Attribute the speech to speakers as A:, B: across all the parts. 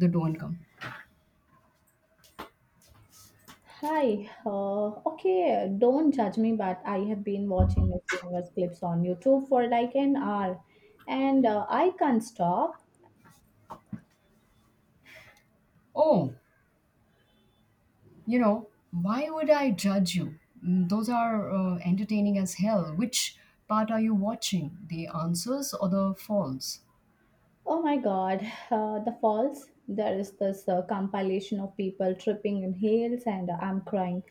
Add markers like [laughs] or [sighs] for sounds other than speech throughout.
A: The don't come.
B: Hi. Okay, don't judge me, but I have been watching Miss Universe clips on YouTube for like an hour and I can't stop.
A: Oh, you know, why would I judge you? Those are entertaining as hell. Which part are you watching? The answers or the falls?
B: Oh my God, [sighs] the falls. There is this compilation of people tripping in heels and I'm crying.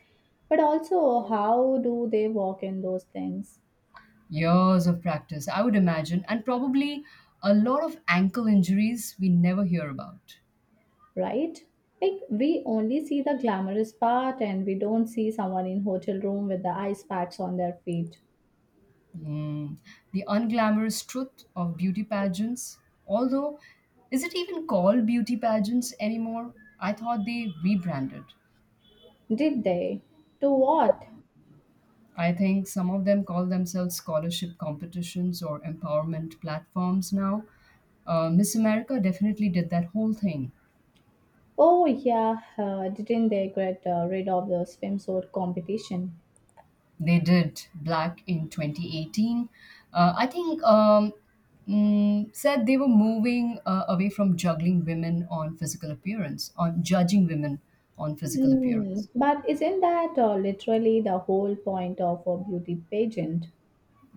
B: But also, how do they walk in those things,
A: Years of practice, I would imagine, and probably a lot of ankle injuries we never hear about.
B: right? Like, we only see the glamorous part and we don't see someone in hotel room with the ice packs on their feet.
A: Mm, the unglamorous truth of beauty pageants. Although, is it even called beauty pageants anymore? I thought they rebranded.
B: Did they? To what?
A: I think some of them call themselves scholarship competitions or empowerment platforms now. Miss America definitely did that whole thing.
B: Oh yeah, didn't they get rid of the swimsuit competition?
A: They did Black in 2018. Uh, I think um, Said they were moving away from juggling women on physical appearance, on judging women on physical
B: Mm,
A: appearance.
B: but isn't that literally the whole point of a beauty pageant?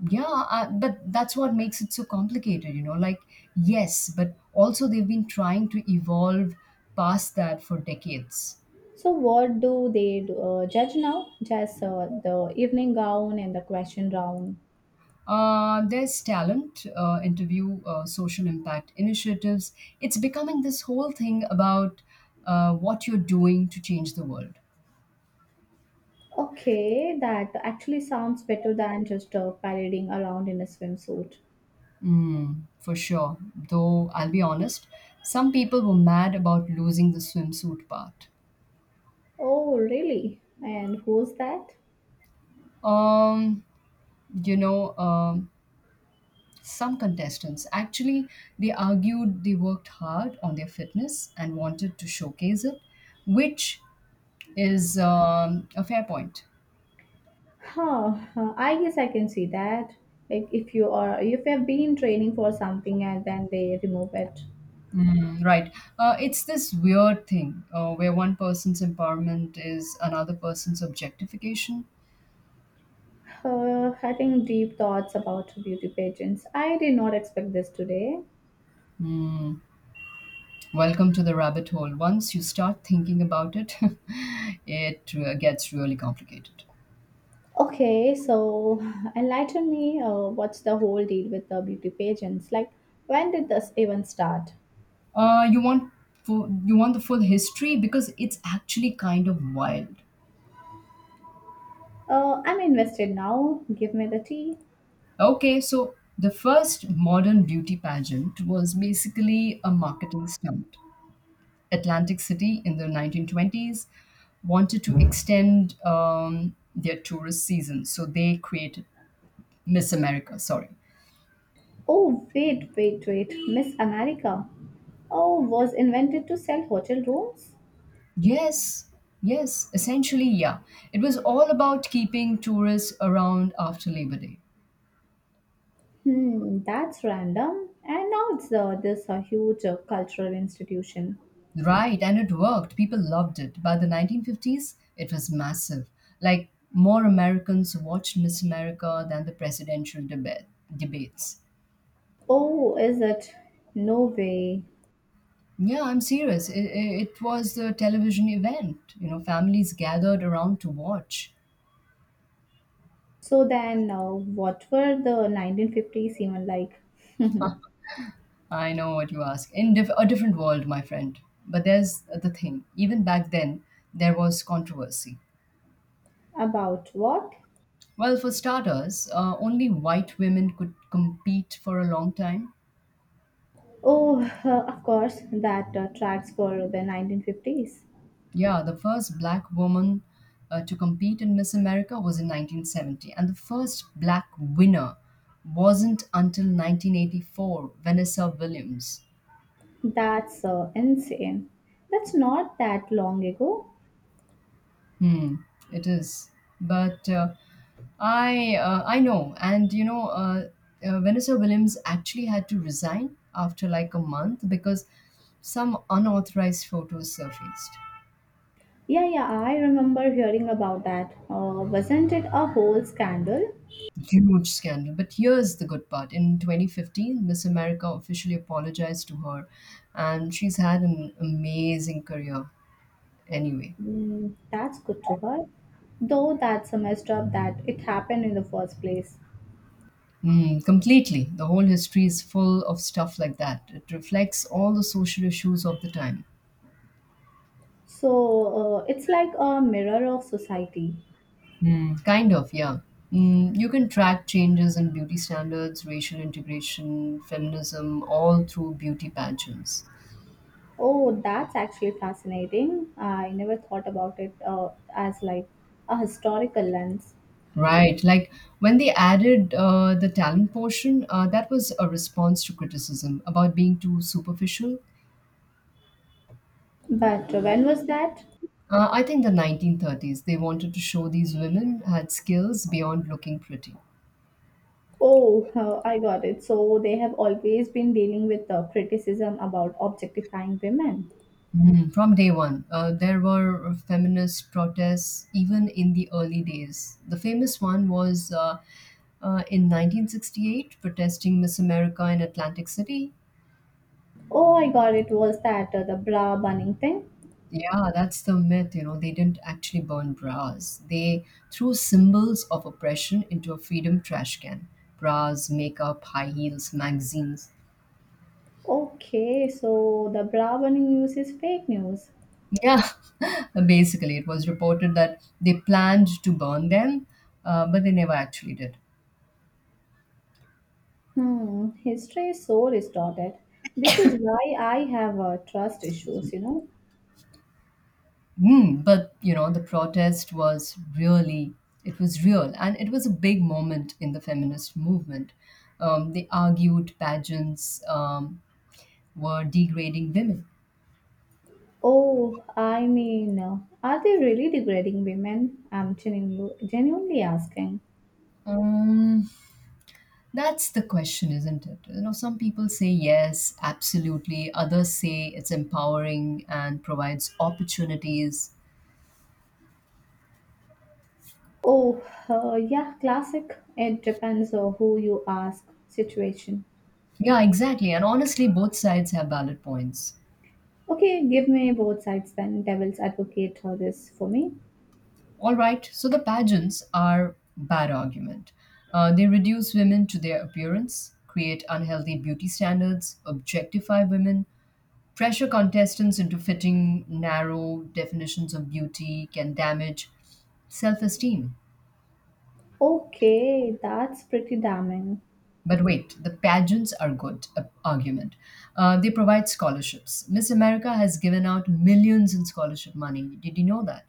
A: But that's what makes it so complicated, you know. Like, yes, but also they've been trying to evolve past that for decades.
B: So what do they do, judge now? Just the evening gown and the question round.
A: There's talent, interview, social impact initiatives. It's becoming this whole thing about what you're doing to change the world.
B: Okay, that actually sounds better than just parading around in a swimsuit.
A: Mm, for sure. Though I'll be honest, some people were mad about losing the swimsuit part.
B: Oh really? And who's that?
A: Um, you know, um, some contestants actually, they argued they worked hard on their fitness and wanted to showcase it, which is a fair point.
B: Huh, huh, I guess I can see that. Like if you have been training for something and then they remove it.
A: Mm, right. It's this weird thing where one person's empowerment is another person's objectification.
B: Having deep thoughts about beauty pageants. I did not expect this today.
A: Mm, welcome to the rabbit hole. Once you start thinking about it, [laughs] it gets really complicated.
B: Okay, so enlighten me. What's the whole deal with the beauty pageants? Like when did this even start?
A: Uh, you want you want the full history because it's actually kind of wild.
B: I'm invested now. Give me the tea.
A: Okay, so the first modern beauty pageant was basically a marketing stunt. Atlantic City in the 1920s wanted to extend their tourist season. So they created Miss America, sorry.
B: Oh wait, wait, wait. Miss America. Oh, was invented to sell hotel rooms?
A: Yes, yes, essentially, yeah. It was all about keeping tourists around after Labor Day.
B: Hmm, that's random. And now it's this a huge cultural institution.
A: Right, and it worked. People loved it. By the 1950s, it was massive. Like, more Americans watched Miss America than the debates.
B: Oh, is it? No way.
A: Yeah, I'm serious. It was a television event. You know, families gathered around to watch.
B: So then, what were the 1950s even like? [laughs]
A: I know what you ask. A different world, my friend. But there's the thing. Even back then, there was controversy.
B: About what?
A: Well, for starters, only white women could compete for a long time.
B: Oh, [laughs] of course, that tracks for the 1950s.
A: Yeah, the first black woman to compete in Miss America was in 1970, and the first black winner wasn't until 1984, Vanessa Williams.
B: That's insane. That's not that long ago.
A: Hmm, it is. But I know, and Vanessa Williams actually had to resign after like a month because some unauthorized photos surfaced.
B: Yeah, yeah, I remember hearing about that. Wasn't it a whole scandal?
A: Huge scandal. But here's the good part: in 2015, Miss America officially apologized to her, and she's had an amazing career. Anyway.
B: Mm, that's good to her. Though that's a messed up that it happened in the first place.
A: Mm, completely. The whole history is full of stuff like that. It reflects all the social issues of the time.
B: So it's like a mirror of society.
A: Mm, kind of, yeah. Mm, you can track changes in beauty standards, racial integration, feminism, all through beauty pageants.
B: Oh, that's actually fascinating. I never thought about it as like a historical lens.
A: Right. Like when they added the talent portion, that was a response to criticism about being too superficial.
B: But when was that?
A: I think the 1930s, they wanted to show these women had skills beyond looking pretty.
B: Oh, I got it. So they have always been dealing with the criticism about objectifying women.
A: Mm, from day one, there were feminist protests even in the early days. The famous one was in 1968, protesting Miss America in Atlantic City.
B: Oh, I got it. Was that the bra burning thing?
A: Yeah, that's the myth. You know, they didn't actually burn bras. They threw symbols of oppression into a freedom trash can. Bras, makeup, high heels, magazines.
B: Okay, so the Brahman news is fake news.
A: Yeah, [laughs] basically, it was reported that they planned to burn them, but they never actually did.
B: Hmm, history is so distorted. This is why I have trust issues, you know.
A: But you know, the protest was really, it was real, and it was a big moment in the feminist movement. They argued pageants were degrading women.
B: Oh, I mean, are they really degrading women? I'm genuinely asking.
A: Um, that's the question, isn't it? You know, some people say yes, absolutely. Others say it's empowering and provides opportunities.
B: Oh, yeah, classic. It depends on who you ask situation.
A: Yeah, exactly. And honestly, both sides have valid points.
B: Okay, give me both sides then. Devil's advocate for this for me.
A: All right, so the pageants are bad argument. They reduce women to their appearance, create unhealthy beauty standards, objectify women, pressure contestants into fitting narrow definitions of beauty, can damage self esteem.
B: Okay, that's pretty damning.
A: But wait, the pageants are good argument. They provide scholarships. Miss America has given out millions in scholarship money. Did you know that?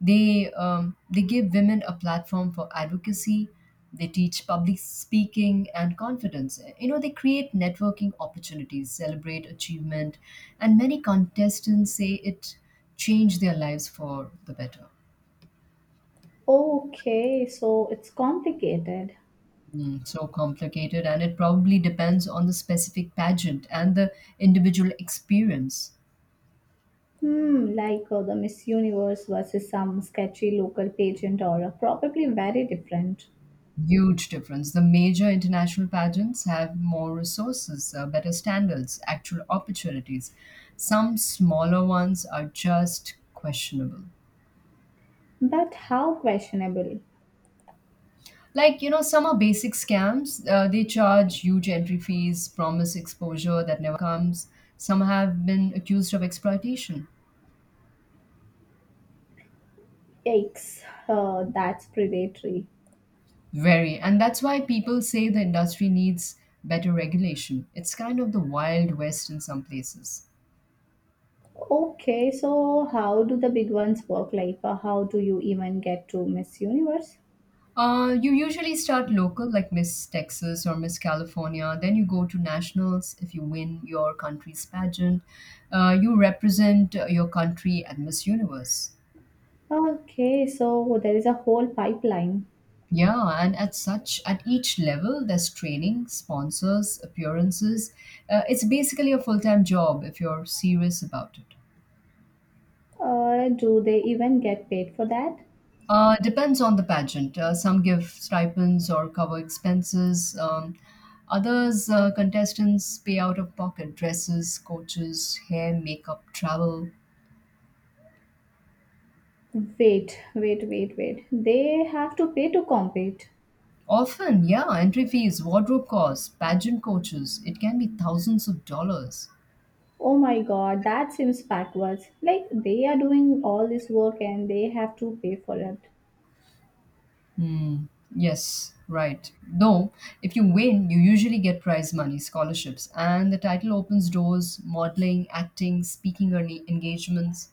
A: They give women a platform for advocacy. They teach public speaking and confidence. You know, they create networking opportunities, celebrate achievement, and many contestants say it changed their lives for the better.
B: Okay, so it's complicated.
A: Mm, so complicated, and it probably depends on the specific pageant and the individual experience.
B: Hmm, like the Miss Universe versus some sketchy local pageant or probably very different.
A: Huge difference. The major international pageants have more resources, better standards, actual opportunities. Some smaller ones are just questionable.
B: But how questionable?
A: Like, you know, some are basic scams. They charge huge entry fees, promise exposure that never comes. Some have been accused of exploitation.
B: Yikes, that's predatory.
A: Very. And that's why people say the industry needs better regulation. It's kind of the Wild West in some places.
B: Okay, so how do the big ones work? Like, how do you even get to Miss Universe?
A: You usually start local, like Miss Texas or Miss California. Then you go to nationals if you win your country's pageant. You represent your country at Miss Universe.
B: Okay, so there is a whole pipeline.
A: Yeah, and at such at each level, there's training, sponsors, appearances. It's basically a full time job if you're serious about it.
B: Do they even get paid for that?
A: Depends on the pageant. Some give stipends or cover expenses. Others, contestants pay out of pocket dresses, coaches, hair, makeup, travel.
B: Wait, wait, wait, wait. They have to pay to compete.
A: Often, yeah, entry fees, wardrobe costs, pageant coaches. It can be thousands of dollars.
B: Oh my god, that seems backwards. Like they are doing all this work and they have to pay for it.
A: Hmm. Yes, right. Though, if you win, you usually get prize money, scholarships, and the title opens doors, modeling, acting, engagements.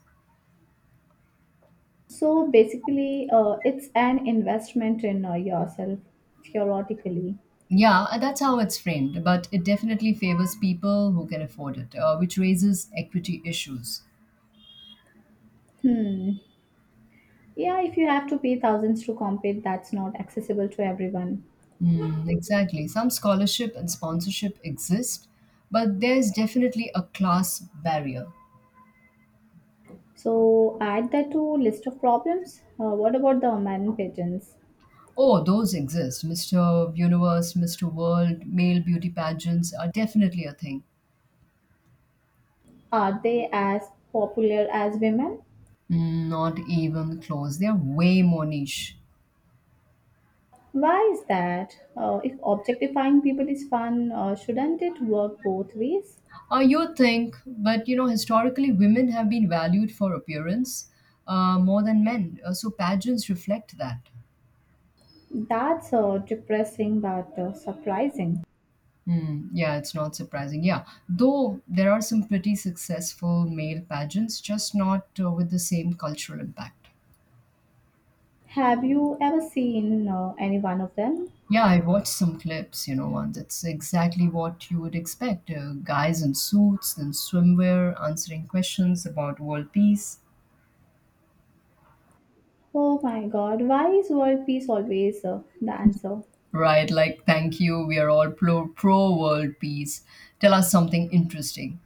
B: So basically, it's an investment in yourself, theoretically.
A: Yeah, and that's how it's framed, but it definitely favors people who can afford it, which raises equity issues.
B: Hmm. Yeah, if you have to pay thousands to compete, that's not accessible to everyone.
A: Mm, exactly. Some scholarship and sponsorship exist, but there's definitely a class barrier.
B: So add that to list of problems. What about the man pigeons?
A: Oh, those exist. Mr. Universe, Mr. World, male beauty pageants are definitely a thing.
B: Are they as popular as women?
A: Mm, not even close. They're way more niche.
B: Why is that? If objectifying people is fun, shouldn't it work both ways?
A: You think, but you know, historically, women have been valued for appearance more than men. So pageants reflect that.
B: That's depressing but surprising.
A: Hmm, yeah, it's not surprising. Yeah, though there are some pretty successful male pageants, just not with the same cultural impact.
B: Have you ever seen any one of them?
A: Yeah, I watched some clips, you know, once. It's exactly what you would expect guys in suits, then swimwear, answering questions about world peace.
B: Oh my god, why is world peace always the answer?
A: Right, like, thank you, we are all pro world peace. Tell us something interesting.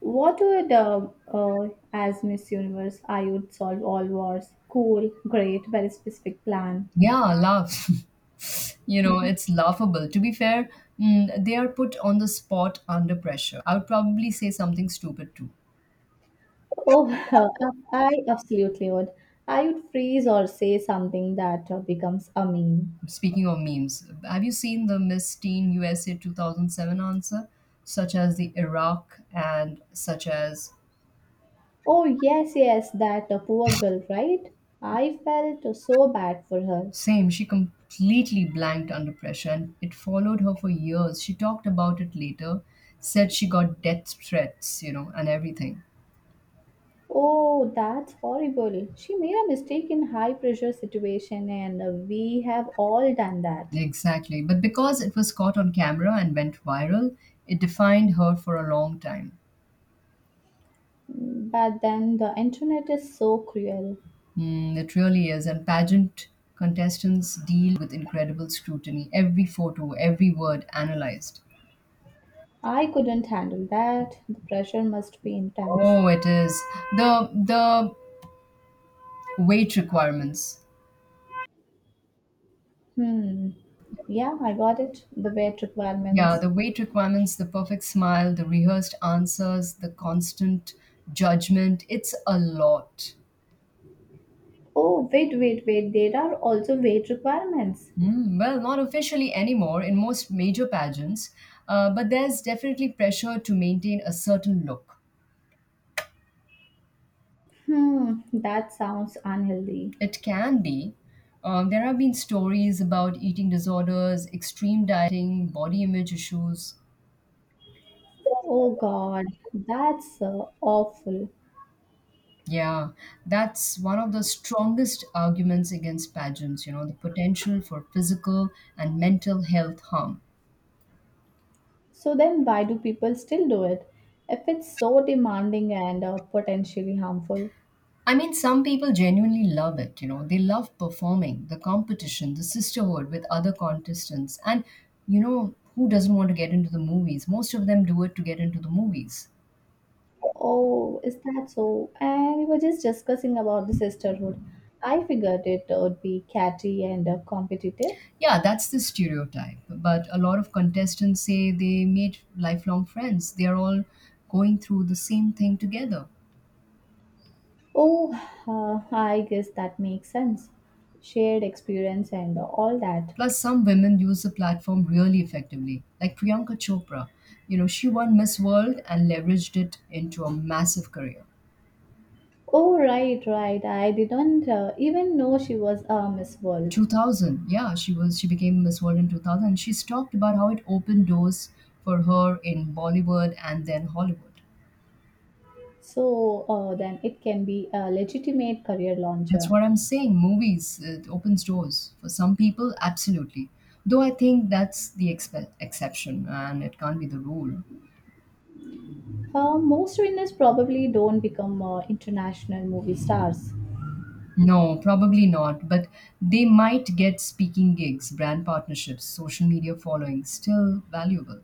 B: What would, uh, as Miss Universe, I would solve all wars? Cool, great, very specific plan.
A: Yeah, laugh. [laughs] You know,
B: Mhm.
A: it's laughable. To be fair, mm, they are put on the spot under pressure. I would probably say something stupid too.
B: Oh, [laughs] I absolutely would. I would freeze or say something that becomes a meme.
A: Speaking of memes, have you seen the Miss Teen USA 2007 answer, such as the Iraq and such as.
B: Oh, yes, yes, that poor girl, right? I felt so bad for her.
A: Same, she completely blanked under pressure and it followed her for years. She talked about it later, said she got death threats, you know, and everything.
B: Oh, that's horrible. She made a mistake in high pressure situation and we have all done that.
A: Exactly. But because it was caught on camera and went viral, it defined her for a long time.
B: Mm, but then the internet is so cruel.
A: Mm, it really is. And pageant contestants deal with incredible scrutiny. Every photo, every word analyzed.
B: I couldn't handle that. The pressure must be intense.
A: Oh, it is. The weight requirements.
B: Hmm. Yeah, I got it. The weight
A: Yeah,
B: requirements.
A: the weight requirements, the perfect smile, the rehearsed answers, the constant judgment, it's a lot.
B: Oh, wait, wait, wait. There are also weight requirements.
A: Mm, well, not officially anymore in most major pageants, but there's definitely pressure to maintain a certain look.
B: Hmm, that sounds unhealthy.
A: It can be. There have been stories about eating disorders, extreme dieting, body image issues.
B: Oh God, that's awful.
A: Yeah, that's one of the strongest arguments against pageants, you know, the potential for physical and mental health harm.
B: So then why do people still do it if it's so demanding and potentially harmful?
A: I mean, some people genuinely love it, you know. They love performing, the competition, the sisterhood with other contestants. And, you know, who doesn't want to get into the movies? Most of them do it to get into the movies.
B: Oh, is that so? And we were just discussing about the sisterhood. I figured it would be catty and competitive.
A: Yeah, that's the stereotype. But a lot of contestants say they made lifelong friends. They are all going through the same thing together.
B: Oh, I guess that makes sense. Shared experience and all that.
A: Plus, some women use the platform really effectively, like Priyanka Chopra. You know, she won Miss World and leveraged it into a massive career.
B: Oh, right, right. I didn't even know she was a Miss World.
A: 2000 yeah she was she became Miss World in 2000. She's talked about how it opened doors for her in Bollywood and then Hollywood.
B: So then it can be a legitimate career
A: That's
B: launcher.
A: what I'm saying, movies, it opens doors for some people absolutely, though I think that's the exception and it can't be the rule.
B: Most winners probably don't become international movie stars.
A: No, probably not, but they might get speaking gigs, brand partnerships, social media following, still valuable.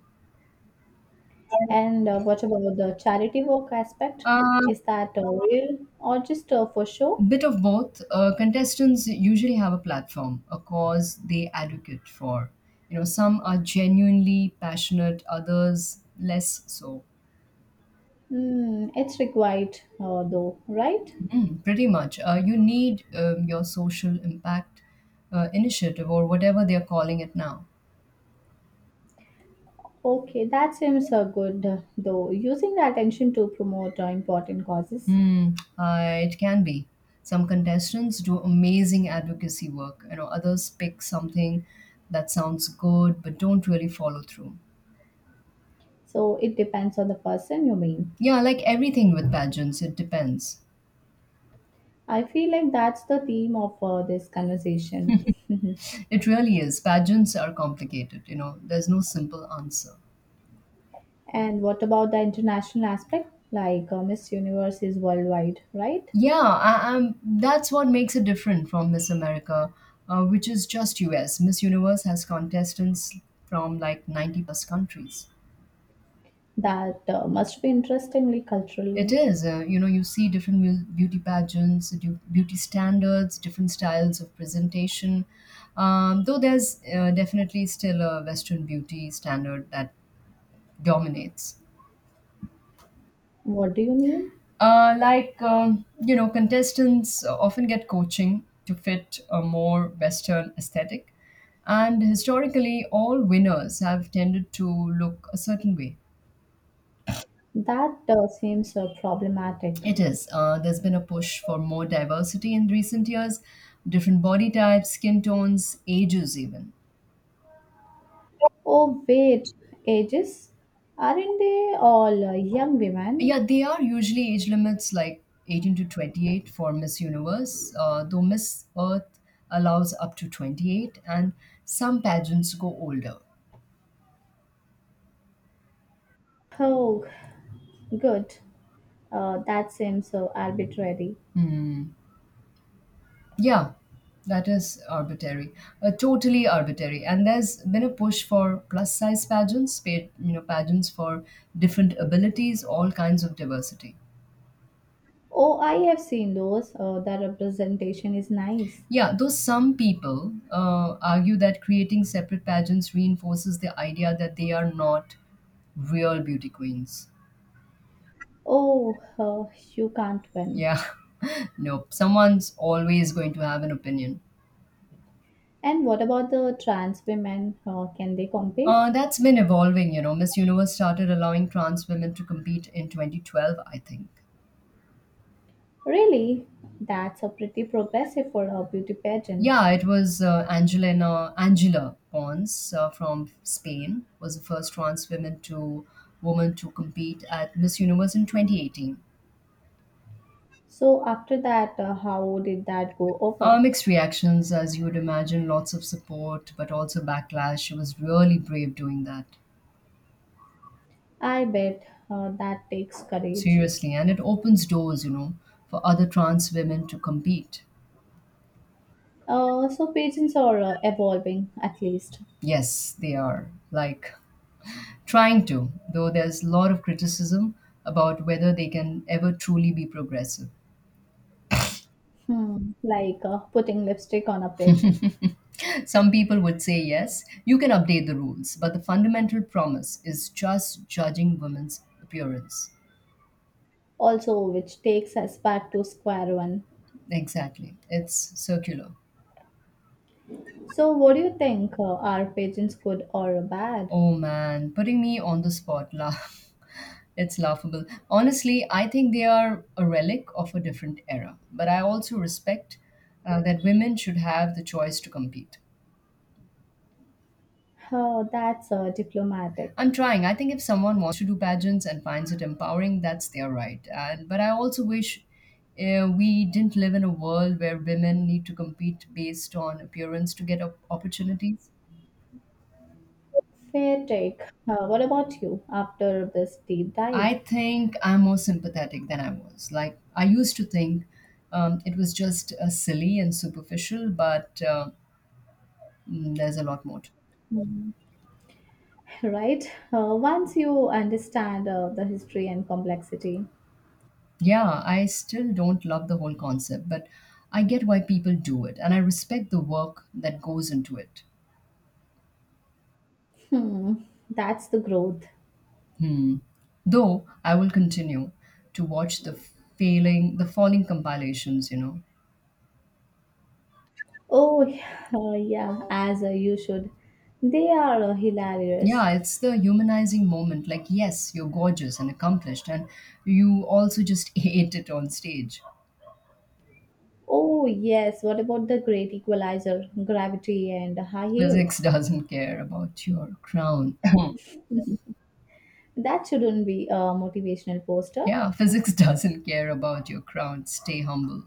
B: And what about the charity work aspect?
A: Uh,
B: Is that real or just for show?
A: Bit of both. Contestants usually have a platform, a cause they advocate for. You know, some are genuinely passionate, others less so.
B: Hmm, it's required though, right?
A: Mm, pretty much. You need your social impact initiative or whatever they're calling it now.
B: Okay, that seems good though. Using the attention to promote important causes.
A: Hmm, it can be. Some contestants do amazing advocacy work. You know, others pick something that sounds good but don't really follow through.
B: So it depends on the person you mean.
A: Yeah, like everything with pageants, it depends.
B: I feel like that's the theme of this conversation. [laughs]
A: It really is. Pageants are complicated, you know. There's no simple answer.
B: And what about the international aspect? Like Miss Universe is worldwide, right?
A: Yeah, I, that's what makes it different from Miss America, which is just US. Miss Universe has contestants from like 90 plus countries.
B: That must be interestingly
A: It
B: culturally.
A: is, you see different beauty pageants, beauty standards, different styles of presentation. Though there's definitely still a Western beauty standard that dominates.
B: What do you mean?
A: Contestants often get coaching to fit a more Western aesthetic. And historically, all winners have tended to look a certain way.
B: That seems problematic.
A: It is. There's been a push for more diversity in recent years, different body types, skin tones, ages, even.
B: Oh, wait, ages? Aren't they all young
A: Yeah,
B: women?
A: they are usually age limits like 18 to 28 for Miss Universe, though Miss Earth allows up to 28, and some pageants go older.
B: Oh, good. That seems so arbitrary.
A: Yeah, that is arbitrary, totally arbitrary. And there's been a push for plus size pageants, paid, pageants for different abilities, all kinds of diversity.
B: Oh, I have seen those. The representation is nice.
A: Yeah, though some people argue that creating separate pageants reinforces the idea that they are not real beauty queens.
B: Oh, you can't win.
A: Yeah, [laughs] nope. Someone's always going to have an opinion.
B: And what about the trans women? Can they compete?
A: That's been evolving, you know. Miss Universe started allowing trans women to compete in 2012, I think.
B: Really? That's a pretty progressive for a beauty pageant.
A: Yeah, it was Angelina Angela Pons from Spain was the first trans woman to compete at Miss Universe in 2018.
B: So, after that, how did that go over?
A: Mixed reactions, as you would imagine, lots of support, but also backlash. She was really brave doing that,
B: I bet that takes courage.
A: seriously, and it opens doors, you know, for other trans women to compete.
B: So, pageants are evolving at least.
A: Yes, they are like trying to, though there's a lot of criticism about whether they can ever truly be progressive.
B: Hmm, like putting lipstick on a pig.
A: Some people would say yes, you can update the rules, but the fundamental promise is just judging women's appearance.
B: Also, which takes us back to square one.
A: Exactly. It's circular.
B: So, what do you think? Are pageants good or bad?
A: Oh man, putting me on the spot. [laughs] It's laughable. Honestly, I think they are a relic of a different era, but I also respect that women should have the choice to compete.
B: Oh, that's diplomatic.
A: I'm trying. I think if someone wants to do pageants and finds it empowering, that's their right. And but I also wish we didn't live in a world where women need to compete based on appearance to get opportunities.
B: Fair take. What about you after this deep dive?
A: I think I'm more sympathetic than I was. Like I used to think it was just silly and superficial, but there's a lot more to it.
B: Mhm. Right? Once you understand the history and complexity,
A: Yeah, I still don't love the whole concept, but I get why people do it, and I respect the work that goes into it.
B: hmm, that's the growth.
A: Hmm. Though I will continue to watch the failing, the falling compilations, you know.
B: Oh, yeah, as you should. They are hilarious.
A: Yeah, it's the humanizing moment. Like, yes, you're gorgeous and accomplished, and you also just [laughs] ate it on stage.
B: Oh, yes, what about the great equalizer, gravity, and high
A: Physics
B: heels?
A: doesn't care about your crown.
B: That shouldn't be a motivational
A: [laughs]
B: poster.
A: yeah, physics doesn't care about your crown. Stay humble.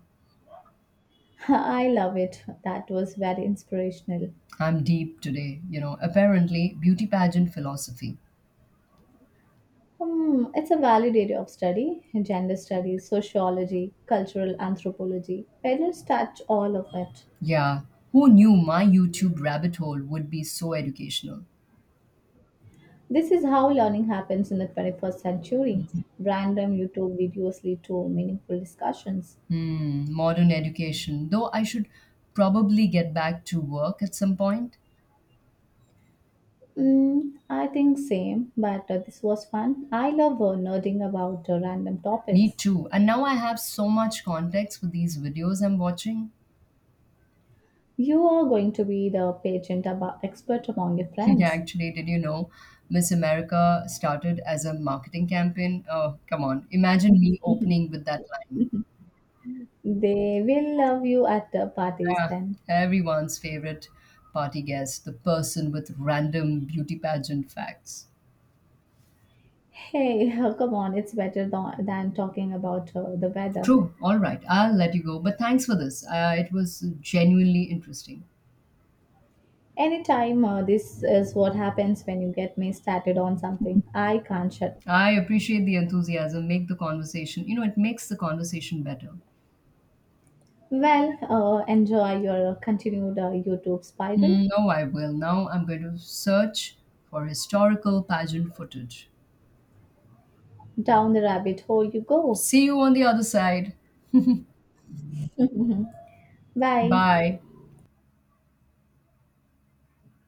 B: [laughs] I love it. That was very inspirational.
A: I'm deep today, you know. Apparently, beauty pageant philosophy.
B: Hmm, it's a valid area of study gender studies, sociology, cultural anthropology. Parents touch all of it.
A: Yeah, who knew my YouTube rabbit hole would be so educational?
B: This is how learning happens in the 21st century. Random YouTube videos lead to meaningful discussions.
A: Hmm, modern education. Though I should probably get back to work at some point.
B: Mm, I think same, but this was fun. I love nerding about random
A: Me
B: topics.
A: too. And now I have so much context for these videos I'm watching.
B: You are going to be the patient about expert among your
A: [laughs] yeah,
B: friends.
A: actually, did you know Miss America started as a marketing campaign? Oh, come on. Imagine me opening with that line.
B: They will love you at the parties
A: Ah,
B: then.
A: everyone's favorite party guest, the person with random beauty pageant facts.
B: Hey, [laughs] come on, it's better than, talking about the weather.
A: True. All right. I'll let you go. But thanks for this. It was genuinely interesting.
B: Anytime, this is what happens when you get me started on something. I can't shut.
A: I appreciate the enthusiasm. Make the conversation, you know, It makes the conversation better.
B: Well, enjoy your continued YouTube spiral.
A: Hmm, no, I will. Now I'm going to search for historical pageant footage.
B: Down the rabbit hole you go.
A: See you on the other side.
B: Bye.
A: Bye.